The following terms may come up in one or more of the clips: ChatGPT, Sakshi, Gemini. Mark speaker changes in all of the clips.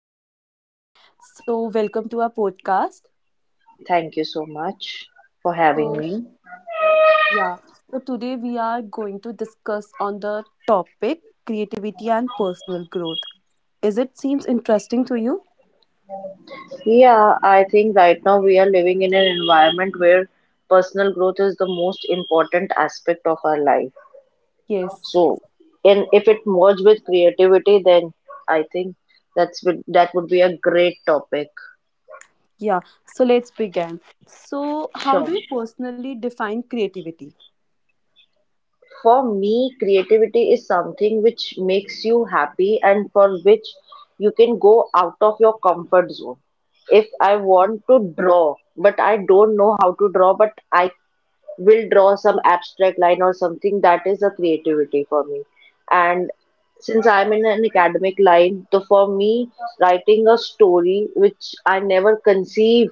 Speaker 1: I'm doing great. Welcome to our podcast.
Speaker 2: Thank you so much for
Speaker 1: So,
Speaker 2: having me.
Speaker 1: yeah. So today we are going to discuss on the topic creativity and personal growth. Is it seems interesting to you?
Speaker 2: Yeah, I think right now we are living in an environment where personal growth is the most important aspect of our life.
Speaker 1: Yes.
Speaker 2: So, and if it merged with creativity, then I think that would be a great topic.
Speaker 1: Yeah. So let's begin. So, how do you
Speaker 2: Sure.
Speaker 1: personally define creativity?
Speaker 2: For me, creativity is something which makes you happy and for which you can go out of your comfort zone. If I want to draw, but I don't know how to draw, but I will draw some abstract line or something, that is a creativity for me. And since I'm in an academic line, so for me, writing a story which I never conceive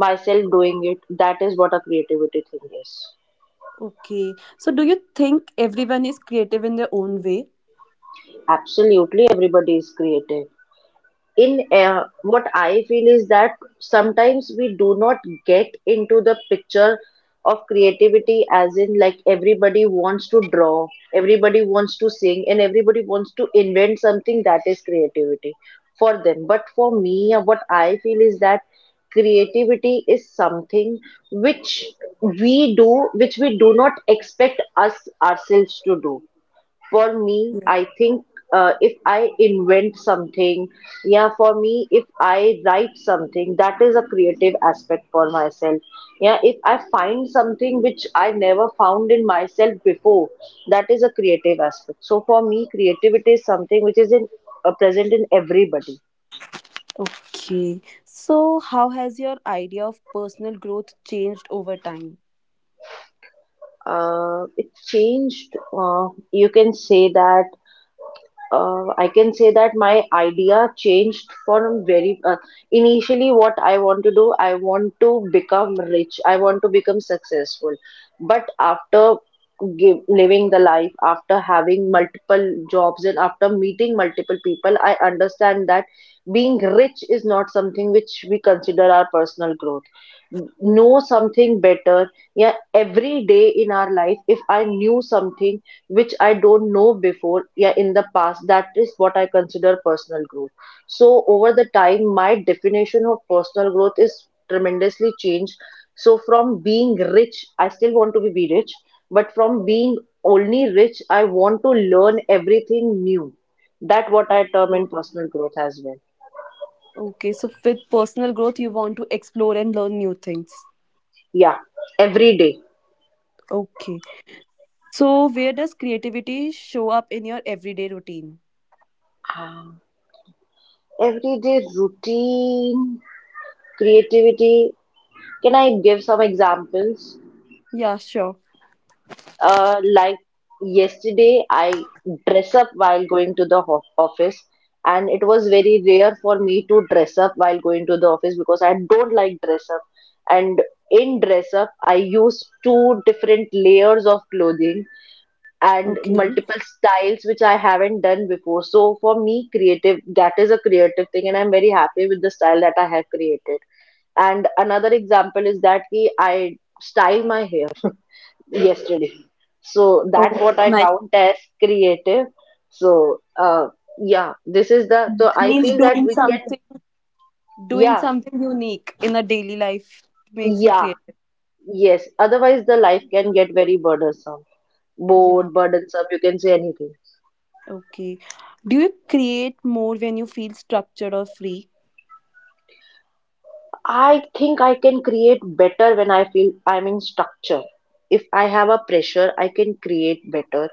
Speaker 2: myself doing it, that is what a creativity thing is.
Speaker 1: Okay. So, do you think everyone is creative in their own way?
Speaker 2: Absolutely, everybody is creative. In What I feel is that sometimes we do not get into the picture of creativity as in like everybody wants to draw, everybody wants to sing, and everybody wants to invent something that is creativity for them. But for me, what I feel is that creativity is something which which we do not expect us ourselves to do. For me, I think if I invent something, yeah, for me, if I write something, that is a creative aspect for myself. Yeah, if I find something which I never found in myself before, that is a creative aspect. So for me, creativity is something which is in present in everybody.
Speaker 1: Okay. So, how has your idea of personal growth changed over time?
Speaker 2: It changed. You can say that I can say that my idea changed from very initially. What I want to do, I want to become rich, I want to become successful. But after living the life, after having multiple jobs, and after meeting multiple people, I understand that being rich is not something which we consider our personal growth. Know something better. Yeah, every day in our life, if I knew something which I don't know before, yeah, in the past. That is what I consider personal growth. So over the time, my definition of personal growth is tremendously changed. So from being rich, I still want to be rich, but from being only rich, I want to learn everything new. That what I term in
Speaker 1: Okay,
Speaker 2: personal growth as well.
Speaker 1: Okay, so with personal growth, you want to explore and learn new things.
Speaker 2: Yeah, every day.
Speaker 1: Okay. So, where does creativity show up in your everyday routine?
Speaker 2: Everyday routine, creativity. Can I give some examples?
Speaker 1: Yeah, sure.
Speaker 2: Like yesterday, I dress up while going to the ho office, and it was very rare for me to dress up while going to the office because I don't like dress up. And in dress up, I use two different layers of clothing and
Speaker 1: Okay.
Speaker 2: multiple styles which I haven't done before. So for me, creative, that is a creative thing, and I'm very happy with the style that I have created. And another example is that ki I style my hair yesterday. So
Speaker 1: Oh,
Speaker 2: that's what I
Speaker 1: nice.
Speaker 2: count as creative. So yeah, this is the so I
Speaker 1: Means
Speaker 2: feel that
Speaker 1: doing
Speaker 2: we can.
Speaker 1: something, Doing
Speaker 2: Yeah,
Speaker 1: something unique in a daily life makes you
Speaker 2: yeah,
Speaker 1: creative.
Speaker 2: yes. Otherwise, the life can get very burdensome,
Speaker 1: Yeah.
Speaker 2: bored, burdensome. You can say anything.
Speaker 1: Okay. Do you create more when you feel structured or free?
Speaker 2: I think I can create better when I feel I'm in structure. If I have a pressure, I can create better.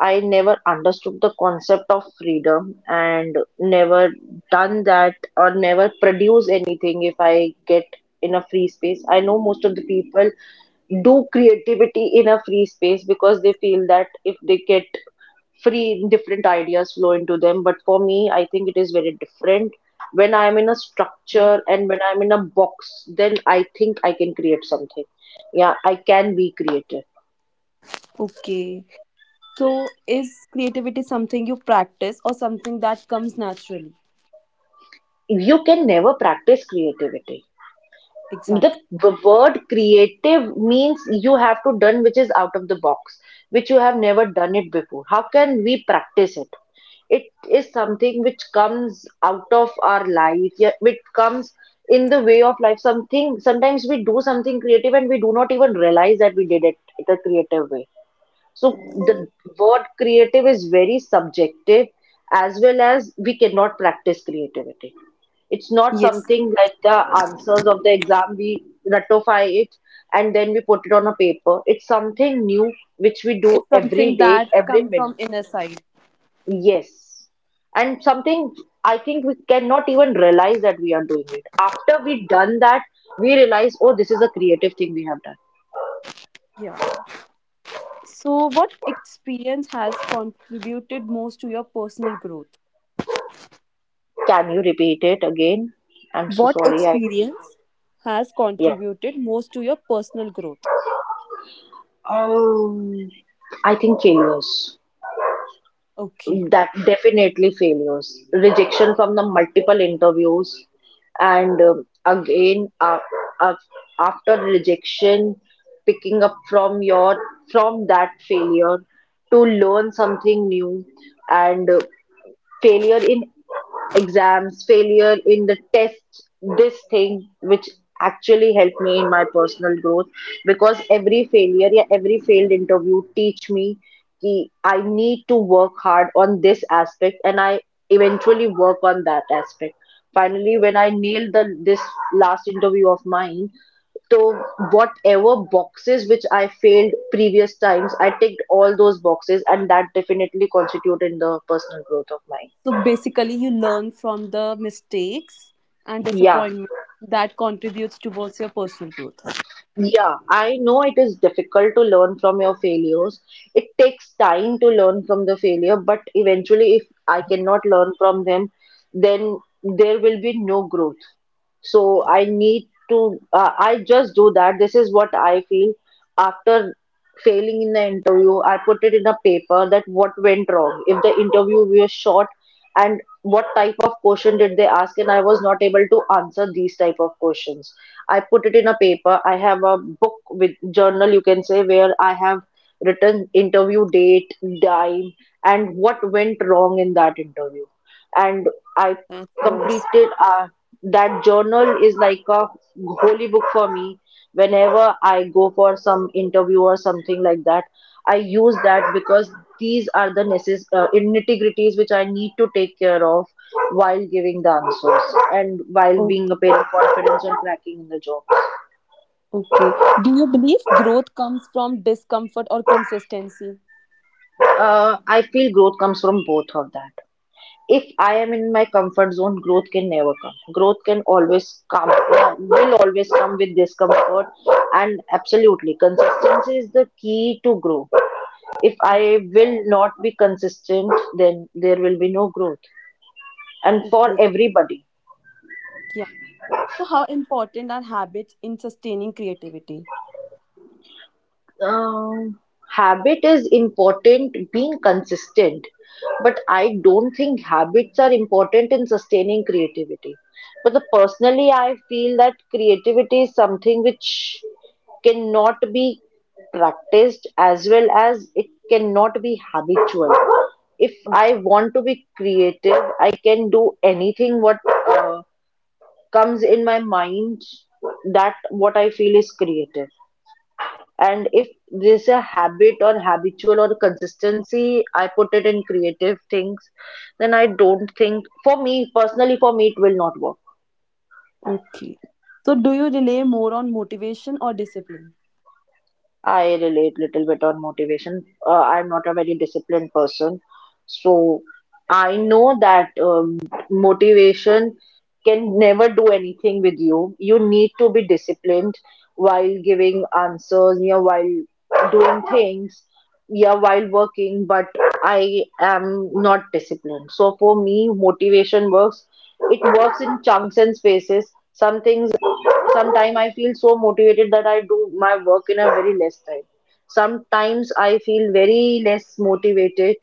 Speaker 2: I never understood the concept of freedom and never done that or never produce anything if I get in a free space. I know most of the people do creativity in a free space because they feel that if they get free, different ideas flow into them. But for me, I think it is very different. When I'm in a
Speaker 1: Mm.
Speaker 2: structure and when I'm in a box, then I think I can create something. Yeah, I can be creative.
Speaker 1: Okay. So, is creativity something you practice or something that comes naturally?
Speaker 2: You can never practice creativity. the
Speaker 1: Exactly.
Speaker 2: the word creative means you have to done which is out of the box, which you have never done it before. How can we practice it? It is something which comes out of our life, yeah, which comes in the way of life. Something, sometimes we do something creative and we do not even realize that we did it the creative way. So the word creative is very subjective, as well as we cannot practice creativity. It's not
Speaker 1: Yes.
Speaker 2: something like the answers of the exam, we ratify it and then we put it on a paper. It's something new which we do
Speaker 1: It's
Speaker 2: every
Speaker 1: something
Speaker 2: day,
Speaker 1: that
Speaker 2: every
Speaker 1: comes from
Speaker 2: minute.
Speaker 1: inner side.
Speaker 2: Yes. And something I think we cannot even realize that we are doing it. After we done that, we realize, oh, this is a creative thing we have done.
Speaker 1: Yeah. So, what experience has contributed most to your personal growth?
Speaker 2: Can you repeat it again? I'm so
Speaker 1: What
Speaker 2: sorry. I
Speaker 1: experience has
Speaker 2: yeah.
Speaker 1: contributed most to your personal growth?
Speaker 2: Um, I think failures.
Speaker 1: Okay.
Speaker 2: That definitely failures. Rejection from the multiple interviews, and uh, after rejection, picking up from your from that failure to learn something new, and failure in exams, failure in the test, this thing which actually helped me in my personal growth, because every failure, yeah, every failed interview teach me कि I need to work hard on this aspect and I eventually work on that aspect. Finally, when I nailed the this last interview of mine, so whatever boxes which I failed previous times, I ticked all those boxes, and that definitely constitute in the personal growth of mine.
Speaker 1: So basically, you learn from the mistakes and
Speaker 2: Yeah.
Speaker 1: disappointment that contributes towards your personal growth.
Speaker 2: Yeah, I know it is difficult to learn from your failures. It takes time to learn from the failure, but eventually, if I cannot learn from them, then there will be no growth. So I need to, I just do that. This is what I feel after failing in the interview. I put it in a paper that what went wrong. If the interview was short and what type of question did they ask, and I was not able to answer these type of questions, I put it in a paper. I have a book with journal, you can say, where I have written interview date, time, and what went wrong in that interview. And I
Speaker 1: That's nice.
Speaker 2: completed that journal is like a holy book for me. Whenever I go for some interview or something like that, I use that because these are the integrities which I need to take care of while giving the answers and while
Speaker 1: Oh,
Speaker 2: being a pair of confidence and cracking in the job.
Speaker 1: okay. Do you believe growth comes from discomfort or consistency?
Speaker 2: I feel growth comes from both of that. If I am in my comfort zone, growth can never come. Growth can always come, will always come with discomfort. And absolutely, consistency is the key to grow. If I
Speaker 1: Okay.
Speaker 2: will not be consistent, then there will be no growth. And for
Speaker 1: Okay.
Speaker 2: everybody,
Speaker 1: Yeah. So, how important are habits in sustaining creativity?
Speaker 2: Um, habit is important, being consistent, but I don't think habits are important in sustaining creativity. But the, personally, I feel that creativity is something which cannot be practiced as well as it cannot be habitual. If
Speaker 1: Okay.
Speaker 2: I want to be creative, I can do anything what uh, comes in my mind that what I feel is creative. And if there's a habit or habitual or consistency, I put it in creative things, then I don't think, for me personally, for me it will not work.
Speaker 1: Okay. So, do you rely more on motivation or discipline?
Speaker 2: I relate little bit on motivation. I'm not a very disciplined person, so I know that motivation can never do anything with you. You need to be disciplined while giving answers, yeah, while doing things, yeah, while working. But I am not disciplined. So for me, motivation works. It works in chunks and spaces. Sometimes I feel so motivated that I do my work in a very less time. Sometimes I feel very less motivated,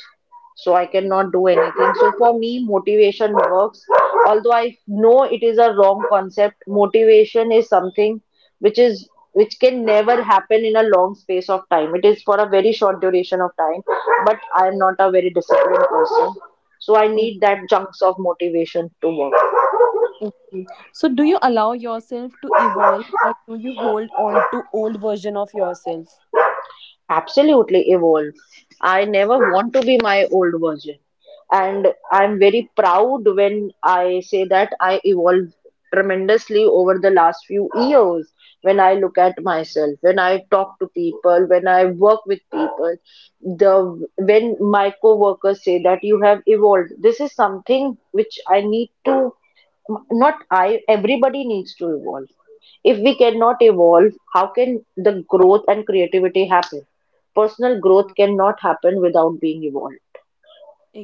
Speaker 2: so I cannot do anything. So for me, motivation works. Although I know it is a wrong concept, motivation is something which can never happen in a long space of time. It is for a very short duration of time. But I am not a very disciplined person, so I need that
Speaker 1: Okay.
Speaker 2: chunks of motivation to work.
Speaker 1: Okay. So, do you allow yourself to evolve or do you hold on to old version of yourself?
Speaker 2: Absolutely evolve. I never want to be my old version. And I'm very proud when I say that I evolved tremendously over the last few years. When I look at myself, when I talk to people, when I work with people, the when my co-workers say that you have evolved, this is something which I need to, not I, everybody needs to evolve. If we cannot evolve, how can the growth and creativity happen? Personal growth cannot happen without being evolved.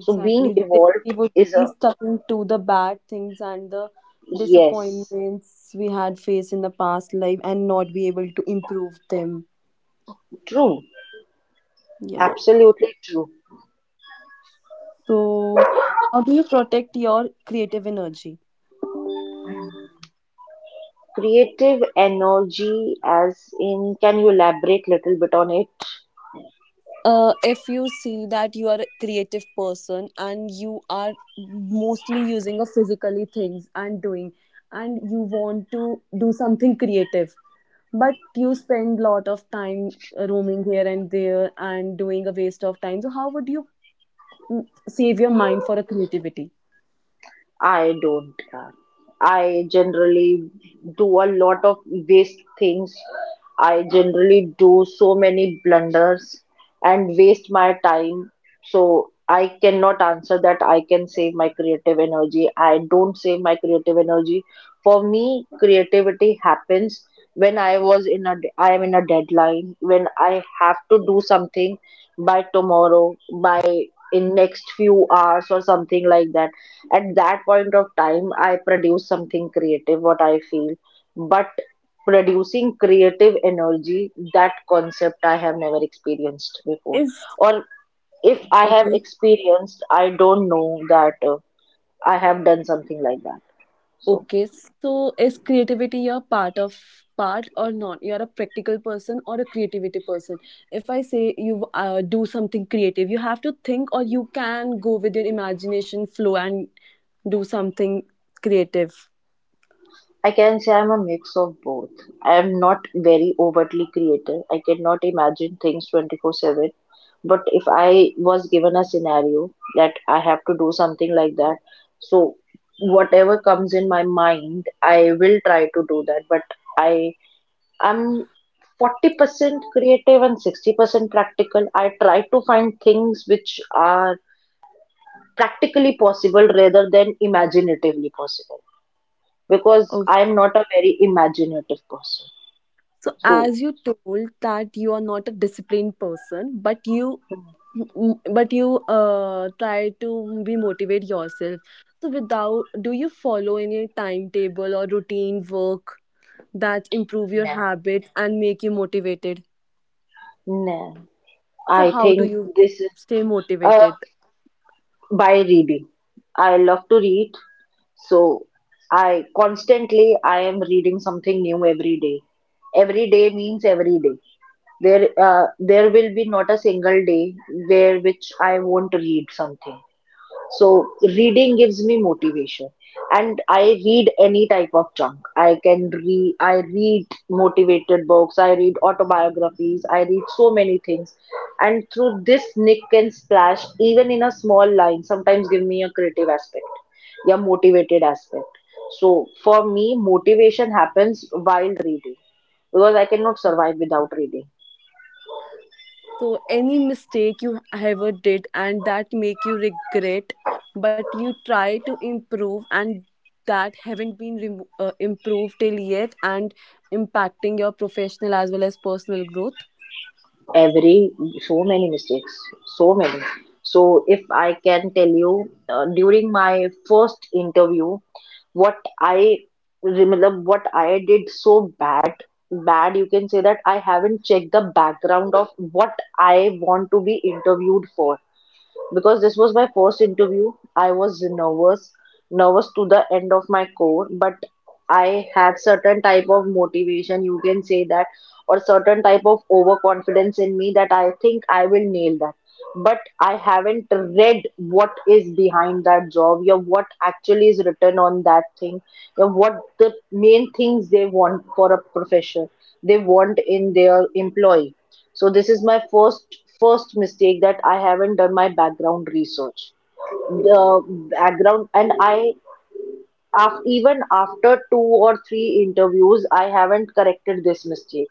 Speaker 2: So being
Speaker 1: Then
Speaker 2: evolved
Speaker 1: we would
Speaker 2: is
Speaker 1: be
Speaker 2: a.
Speaker 1: stuck to the bad things and the
Speaker 2: Yes,
Speaker 1: disappointments we had faced in the past life and not be able to improve them.
Speaker 2: true,
Speaker 1: Yeah.
Speaker 2: absolutely true.
Speaker 1: So, how do you protect your creative energy?
Speaker 2: Creative energy, as in, can you elaborate little bit on it?
Speaker 1: If you see that you are a creative person and you are mostly using of physically things and doing and you want to do something creative but you spend lot of time roaming here and there and doing a waste of time, so how would you save your mind for a creativity
Speaker 2: I don't. I generally do a lot of waste things. I generally do so many blunders and waste my time. So I cannot answer that. I can save my creative energy. I don't save my creative energy. For me, creativity happens when I am in a deadline, when I have to do something by tomorrow, by in next few hours or something like that. At that point of time I produce something creative, what I feel. But producing creative energy, that concept I have never experienced before.
Speaker 1: is
Speaker 2: Or if I have
Speaker 1: okay.
Speaker 2: experienced, I don't know that I have done something like that. So
Speaker 1: Okay, so is creativity a part or not? You're a practical person or a creativity person. If I say you do something creative, you have to think or you can go with your imagination flow and do something creative.
Speaker 2: I can say I'm a mix of both. I am not very overtly creative. I cannot imagine things 24/7. But if I was given a scenario that I have to do something like that, so whatever comes in my mind, I will try to do that. But I am 40% creative and 60% practical. I try to find things which are practically possible rather than imaginatively possible because
Speaker 1: Okay.
Speaker 2: I'm not a very imaginative person.
Speaker 1: So
Speaker 2: So,
Speaker 1: as you told that you are not a disciplined person, but you but you try to be motivate yourself. So without do you follow any timetable or routine work that improve your
Speaker 2: nah,
Speaker 1: habits and make you motivated.
Speaker 2: nah.
Speaker 1: So
Speaker 2: I
Speaker 1: how do
Speaker 2: think
Speaker 1: you
Speaker 2: this is
Speaker 1: stay
Speaker 2: uh,
Speaker 1: motivated?
Speaker 2: by reading. I love to read, so I am reading something new every day. Every day means every day. There will be not a single day where which I won't read something. So reading gives me motivation, and I read any type of junk. I can read. I read motivated books. I read autobiographies. I read so many things, and through this nick and splash, even in a small line, sometimes give me a creative aspect, yeah, motivated aspect. So for me, motivation happens while reading because I cannot survive without reading.
Speaker 1: So any mistake you ever did and that make you regret, but you try to improve and that haven't been improved till yet and impacting your professional as well as personal growth.
Speaker 2: Every so many mistakes, so many. So if I can tell you, during my first interview, what I remember, what I did so bad. Bad, you can say that, I haven't checked the background of what I want to be interviewed for because this was my first interview. I was nervous, nervous to the end of my core, but I had certain type of motivation, you can say that, or certain type of overconfidence in me that I think I will nail that. But I haven't read what is behind that job or what actually is written on that thing or what the main things they want for a profession, they want in their employee. So this is my first mistake, that I haven't done my background research. The background. And I even after 2 or 3 interviews, I haven't corrected this mistake.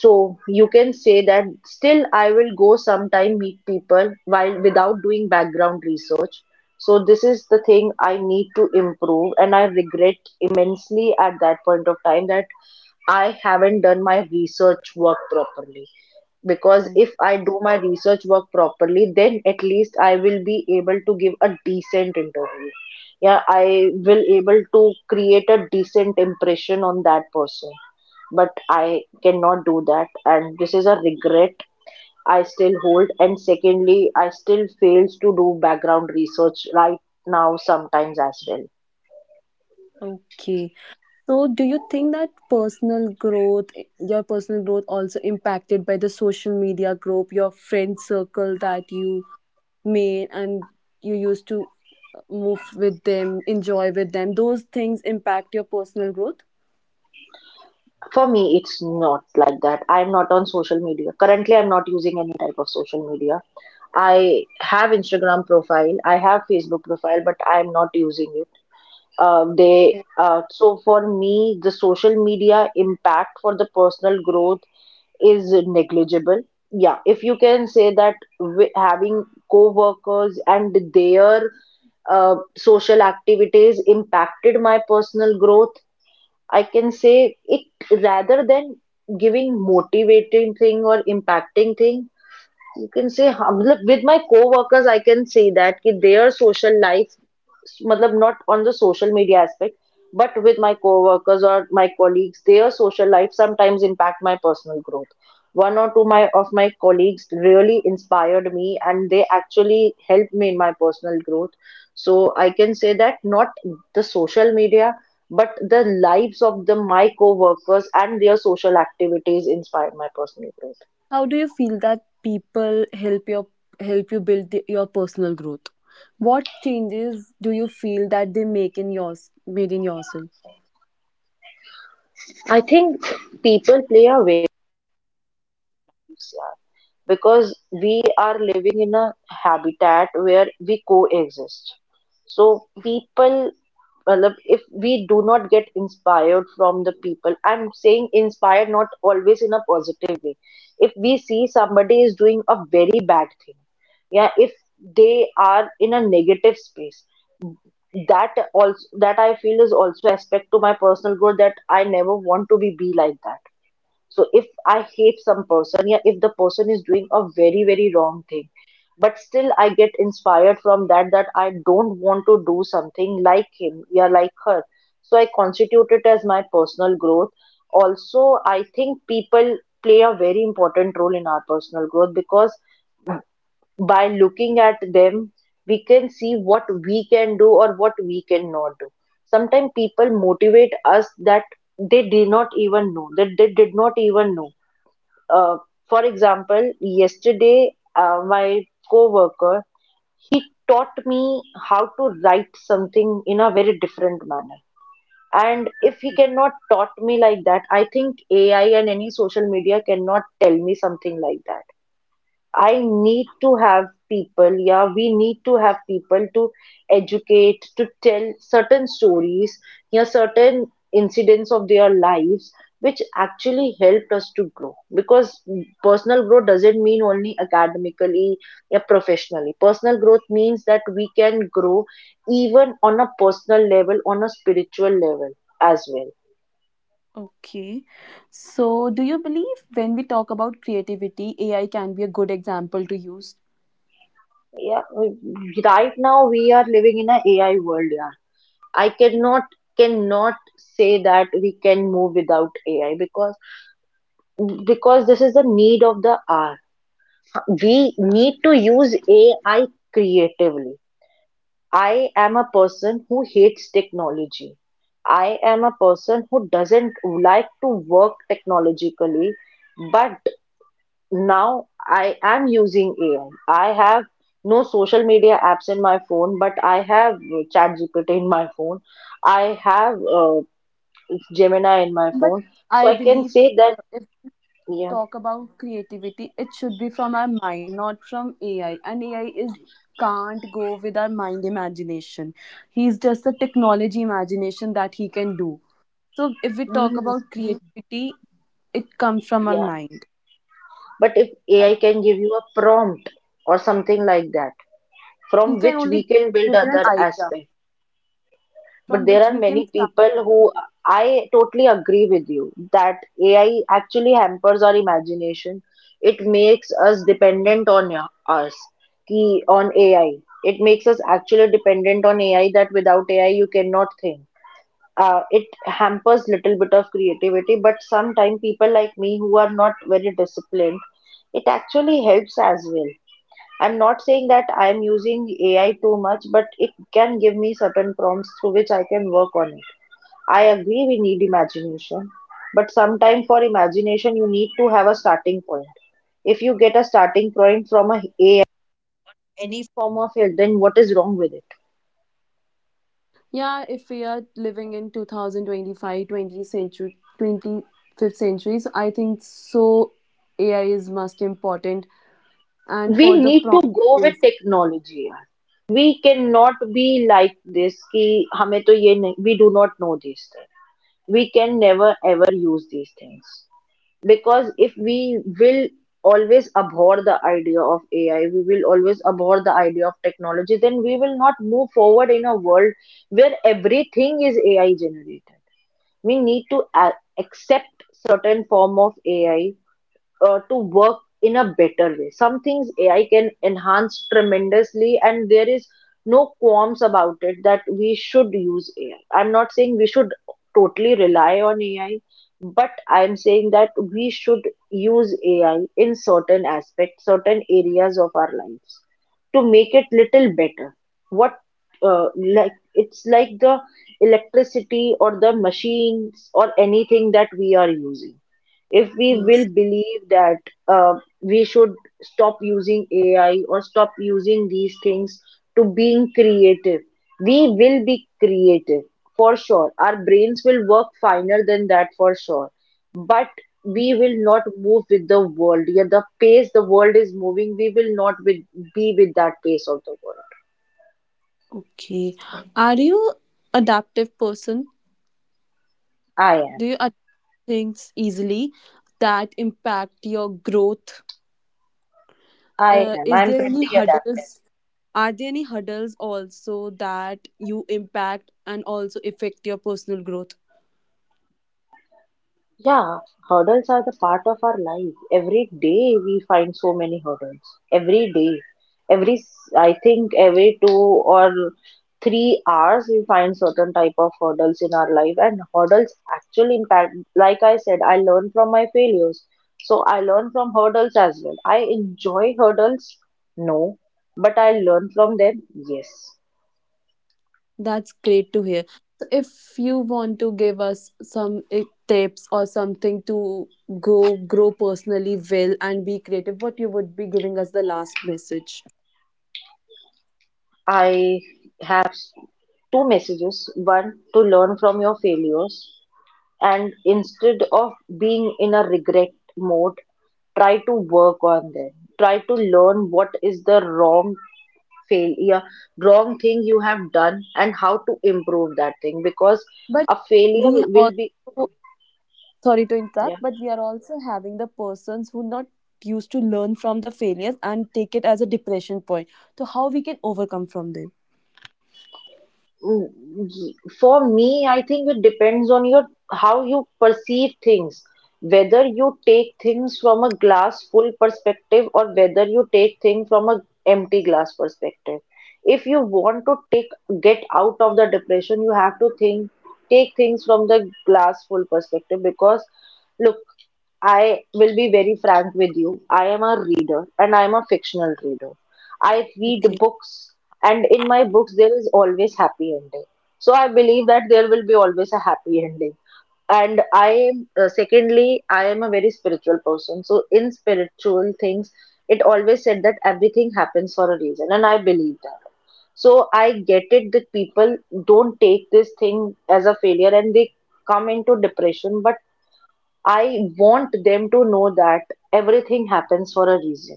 Speaker 2: So you can say that still I will go sometime meet people while without doing background research. So this is the thing I need to improve, and I regret immensely at that point of time that I haven't done my research work properly because
Speaker 1: Oh,
Speaker 2: if I do my research work properly, then at least I will be able to give a decent interview. Yeah, I will able to create a decent impression on that person, but I cannot do that. And this is a regret I still hold. And secondly, I still fails to do background research right now sometimes as well.
Speaker 1: okay. So, do you think that your personal growth, also impacted by the social media group, your friend circle that you made and you used to move with them, enjoy with them, those things impact your personal growth.
Speaker 2: For me, it's not like that. I'm not on social media. Currently, I'm not using any type of social media. I have Instagram profile, I have Facebook profile, but I'm not using it. They
Speaker 1: Yeah.
Speaker 2: so for me, the social media impact for the personal growth is negligible. Yeah, if you can say that having co-workers and their social activities impacted my personal growth, I can say it, rather than giving motivating thing or impacting thing. You can say hum look, with my co-workers I can say that कि their social life, मतलब not on the social media aspect, but with my co-workers or my colleagues, their social life sometimes impact my personal growth. One or two my of my colleagues really inspired me, and they actually helped me in my personal growth. So I can say that not the social media, but the lives of the my co-workers and their social activities inspired my personal growth.
Speaker 1: How do you feel that people help you build your personal growth? What changes do you feel that they make in yours made in yourself?
Speaker 2: I think people play a waves, yeah, because we are living in a habitat where we coexist. So people, matlab, if we do not get inspired from the people, I'm saying inspired not always in a positive way. If we see somebody is doing a very bad thing, yeah, if they are in a negative space, that also, that I feel is also aspect to my personal growth, that I never want to be like that. So if I hate some person, yeah, if the person is doing a very very wrong thing, but still I get inspired from that, that I don't want to do something like him, yeah, like her. So I constitute it as my personal growth. Also, I think people play a very important role in our personal growth because by looking at them, we can see what we can do or what we cannot do. Sometimes people motivate us that they did not even know that they did not even know uh, for example, yesterday, my coworker, he taught me how to write something in a very different manner. And if he
Speaker 1: Okay.
Speaker 2: cannot taught me like that, I think AI and any social media cannot tell me something like that. I need to have people, yeah, we need to have people to educate, to tell certain stories, yeah, certain incidents of their lives, which actually helped us to grow. Because personal growth doesn't mean only academically, yeah, professionally. Personal growth means that we can grow even on a personal level, on a spiritual level as well.
Speaker 1: Okay. So, do you believe when we talk about creativity, AI can be a good example to use?
Speaker 2: Yeah, right now we are living in a AI world, yeah. I cannot say that we can move without AI because this is the need of the hour. We need to use AI creatively. I am a person who hates technology. I am a person who doesn't like to work technologically, but now I am using AI. I have no social media apps in my phone, but I have ChatGPT in my phone. I have Gemini in my
Speaker 1: But
Speaker 2: phone. So
Speaker 1: I
Speaker 2: I can
Speaker 1: believe
Speaker 2: say that,
Speaker 1: if
Speaker 2: yeah.
Speaker 1: talk about creativity, it should be from our mind, not from AI. And AI is can't go with our mind imagination. He's just a technology imagination that he can do. So, if we talk
Speaker 2: Mm,
Speaker 1: about creativity, it comes from our
Speaker 2: yeah.
Speaker 1: mind.
Speaker 2: But if
Speaker 1: I,
Speaker 2: AI can give you a prompt or something like that,
Speaker 1: he
Speaker 2: from
Speaker 1: can
Speaker 2: which we
Speaker 1: only
Speaker 2: can build
Speaker 1: give you an
Speaker 2: other
Speaker 1: idea
Speaker 2: aspect. But
Speaker 1: from
Speaker 2: there
Speaker 1: which
Speaker 2: are
Speaker 1: we can
Speaker 2: many
Speaker 1: start.
Speaker 2: people who, I totally agree with you that AI actually hampers our imagination. It makes us dependent on us, on AI. It makes us actually dependent on AI that without AI you cannot think. It hampers little bit of creativity, but sometimes people like me who are not very disciplined, it actually helps as well. I'm not saying that I'm using AI too much, but it can give me certain prompts through which I can work on it. I agree we need imagination, but sometimes for imagination you need to have a starting point. If you get a starting point from a AI, any form of it, then what is wrong with it?
Speaker 1: Yeah, if we are living in 2025, century, 25th centuries, I think so AI is most important. And
Speaker 2: We
Speaker 1: for the
Speaker 2: need to
Speaker 1: prompt,
Speaker 2: go with
Speaker 1: is-
Speaker 2: technology यार. We cannot be like this कि हमें तो ये नहीं. We do not know these things, we can never ever use these things. Because if we will always abhor the idea of AI, we will always abhor the idea of technology, then we will not move forward in a world where everything is AI generated. We need to accept certain form of AI, to work in a better way. Some things AI can enhance tremendously, and there is no qualms about it that we should use AI. I'm not saying we should totally rely on AI, but I'm saying that we should use AI in certain aspects, certain areas of our lives to make it little better. What, uh, like it's like the electricity or the machines or anything that we are using, if we
Speaker 1: yes.
Speaker 2: will believe that uh, we should stop using AI or stop using these things to being creative, we will be creative for sure. Our brains will work finer than that for sure. But we will not move with the world. Yeah, the pace the world is moving, we will not with, be with that pace of the world.
Speaker 1: Okay. Are you adaptive person?
Speaker 2: I
Speaker 1: Do
Speaker 2: am.
Speaker 1: you adapt things easily that impact your growth?
Speaker 2: I am.
Speaker 1: Is
Speaker 2: I'm
Speaker 1: there any
Speaker 2: pretty adaptive.
Speaker 1: hurdles? Are there any hurdles also that you impact and also affect your personal growth?
Speaker 2: Yeah, hurdles are the part of our life. Every day we find so many hurdles. Every day, I think every 2 or 3 hours we find certain type of hurdles in our life, and hurdles actually impact. Like I said, I learn from my failures, so I learn from hurdles as well. I enjoy hurdles, no, but I learn from them. Yes,
Speaker 1: That's great to hear. So if you want to give us some tips or something to go grow personally well and be creative, what you would be giving us the last message.
Speaker 2: I have two messages. One, to learn from your failures and instead of being in a regret mode, try to work on them, try to learn what is the wrong failure, wrong thing you have done, and how to improve that thing because
Speaker 1: But
Speaker 2: a failure
Speaker 1: we
Speaker 2: will
Speaker 1: also
Speaker 2: be
Speaker 1: sorry to interrupt,
Speaker 2: yeah.
Speaker 1: but we are also having the persons who not used to learn from the failures and take it as a depression point. So how we can overcome from them.
Speaker 2: Mm, For me, I think it depends on your how you perceive things, whether you take things from a glass full perspective or whether you take things from a empty glass perspective. If you want to take get out of the depression, you have to think take things from the glass full perspective because look, I will be very frank with you. I am a reader and I am a fictional reader. I read
Speaker 1: Okay.
Speaker 2: books, and in my books there is always happy ending. So I believe that there will be always a happy ending. And I am secondly, I am a very spiritual person. So in spiritual things, it always said that everything happens for a reason, and I believe that. So I get it that people don't take this thing as a failure and they come into depression, but I want them to know that everything happens for a reason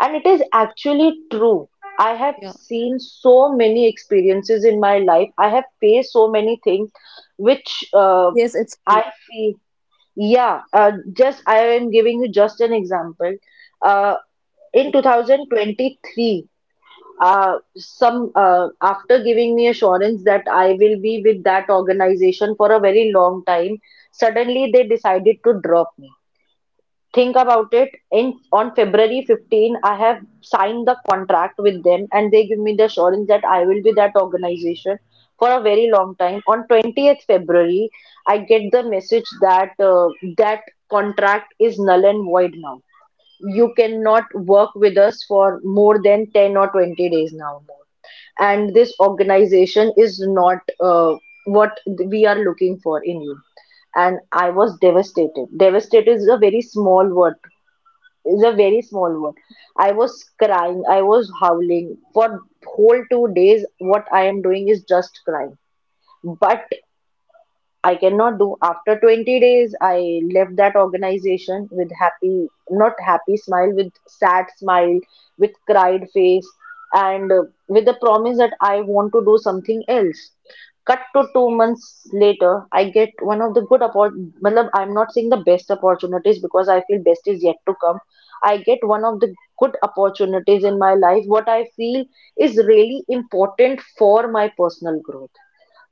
Speaker 2: and it is actually true. I have
Speaker 1: Yeah.
Speaker 2: seen so many experiences in my life. I have faced so many things which
Speaker 1: Yes, it's.
Speaker 2: I feel, yeah, just I am giving you just an example. Uh, in 2023, some after giving me assurance that I will be with that organization for a very long time, suddenly they decided to drop me. Think about it, in on february 15 I have signed the contract with them and they give me the assurance that I will be that organization for a very long time. On 20th february I get the message that that contract is null and void now. You cannot work with us for more than 10 or 20 days now more, and this organization is not what we are looking for in you. And I was devastated. Devastated is a very small word, it's a very small word. I was crying, I was howling for whole 2 days. What I am doing is just crying. But I cannot do. After 20 days, I left that organization with happy, not happy smile, with sad smile, with cried face, and with the promise that I want to do something else. Cut to 2 months later, I get one of the good opportunities. I'm not saying the best opportunities because I feel best is yet to come. I get one of the good opportunities in my life, what I feel is really important for my personal growth.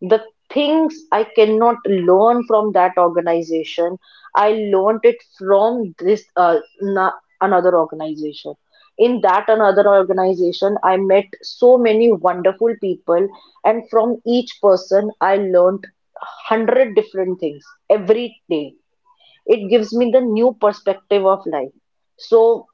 Speaker 2: The things I cannot learn from that organization, I learned it from another organization. In that another organization, I met so many wonderful people, and from each person, I learned hundred different things every day. It gives me the new perspective of life. So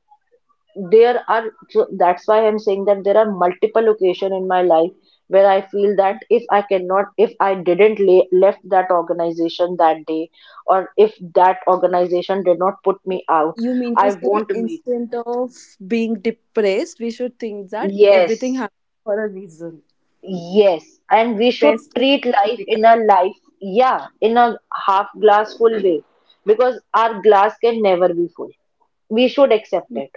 Speaker 2: there are so that's why I'm saying that there are multiple occasion in my life where I feel that if I didn't left that organization that day, or if that organization did not put me out
Speaker 1: You mean to
Speaker 2: I
Speaker 1: say
Speaker 2: won't meet.
Speaker 1: instead of being depressed, we should think that everything
Speaker 2: Yes,
Speaker 1: happens for a reason.
Speaker 2: yes,
Speaker 1: And
Speaker 2: and we should
Speaker 1: best is
Speaker 2: treat
Speaker 1: yet to
Speaker 2: life
Speaker 1: become.
Speaker 2: in a life yeah, in a half glass full way, because our glass can never be full, we should accept it,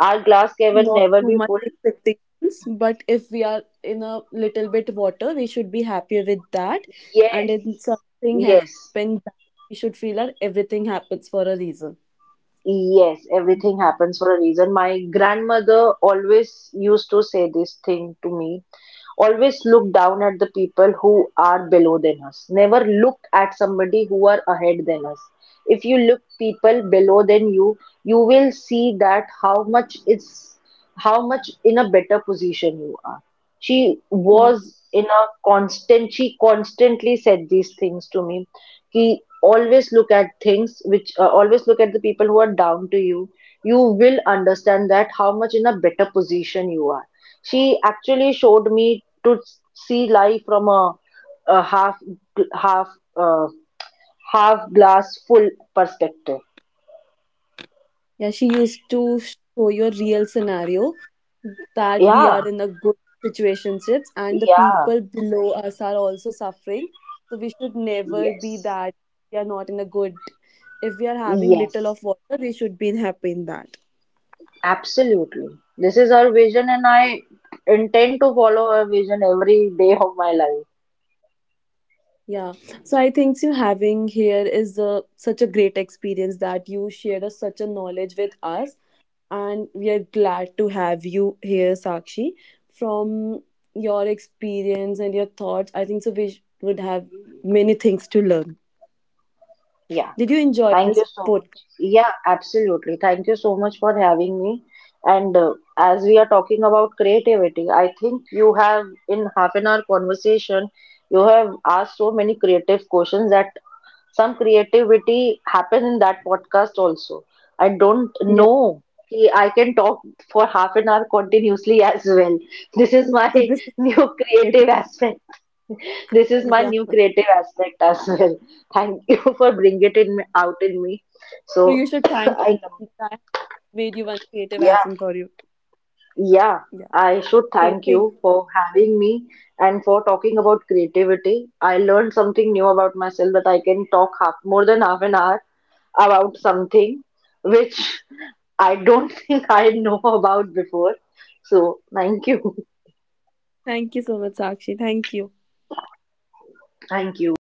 Speaker 2: our glass can
Speaker 1: Not
Speaker 2: never
Speaker 1: too
Speaker 2: be
Speaker 1: much
Speaker 2: full.
Speaker 1: expectations, but if we are in a little bit water, we should be happier with that. And
Speaker 2: Yes,
Speaker 1: if something
Speaker 2: yes.
Speaker 1: happens, we should feel that everything happens for a reason.
Speaker 2: Yes, everything happens for a reason. My grandmother always used to say this thing to me. Always look down at the people who are below than us. Never look at somebody who are ahead than us. If you look people below than you, you will see that how much in a better position you are. She
Speaker 1: Hmm.
Speaker 2: was in a constant, she constantly said these things to me, ki always look at things which always look at the people who are down to you, you will understand that how much in a better position you are. She actually showed me to see life from a half uh, half glass full perspective.
Speaker 1: Yeah, she used to show your real scenario that we
Speaker 2: Yeah,
Speaker 1: are in a good situationships and the
Speaker 2: yeah.
Speaker 1: people below us are also suffering. So we should never be
Speaker 2: Yes,
Speaker 1: that we are not in a good. If we are having little
Speaker 2: yes,
Speaker 1: of water, we should be happy in that.
Speaker 2: absolutely. This is her vision, and I intend to follow her vision every day of my life.
Speaker 1: Yeah. So I think you having here is a, such a great experience that you shared a, such a knowledge with us. And we are glad to have you here, Sakshi. From your experience and your thoughts, I think so we would have many things to learn.
Speaker 2: Yeah.
Speaker 1: Did you enjoy
Speaker 2: Thank you
Speaker 1: this
Speaker 2: so
Speaker 1: podcast?
Speaker 2: much. Yeah, absolutely. Thank you so much for having me. And as we are talking about creativity, I think you have, in half an hour conversation, you have asked so many creative questions that some creativity happened in that podcast also. I don't
Speaker 1: Yeah.
Speaker 2: know. कि I can talk for half an hour continuously as well. This is my
Speaker 1: So this is
Speaker 2: new
Speaker 1: creative.
Speaker 2: creative aspect. This is my
Speaker 1: Yeah.
Speaker 2: new creative aspect as well. Thank you for bringing it in out in me.
Speaker 1: So
Speaker 2: So
Speaker 1: you should thank
Speaker 2: I know.
Speaker 1: me that I made you one creative
Speaker 2: Yeah,
Speaker 1: asset for you.
Speaker 2: yeah.
Speaker 1: Yeah.
Speaker 2: I should
Speaker 1: So
Speaker 2: thank you for having me and for talking about creativity. I learned something new about myself that I can talk half, more than half an hour about something which I don't think I know about before. So thank you.
Speaker 1: thank you so much, Sakshi. Thank you.
Speaker 2: Thank you.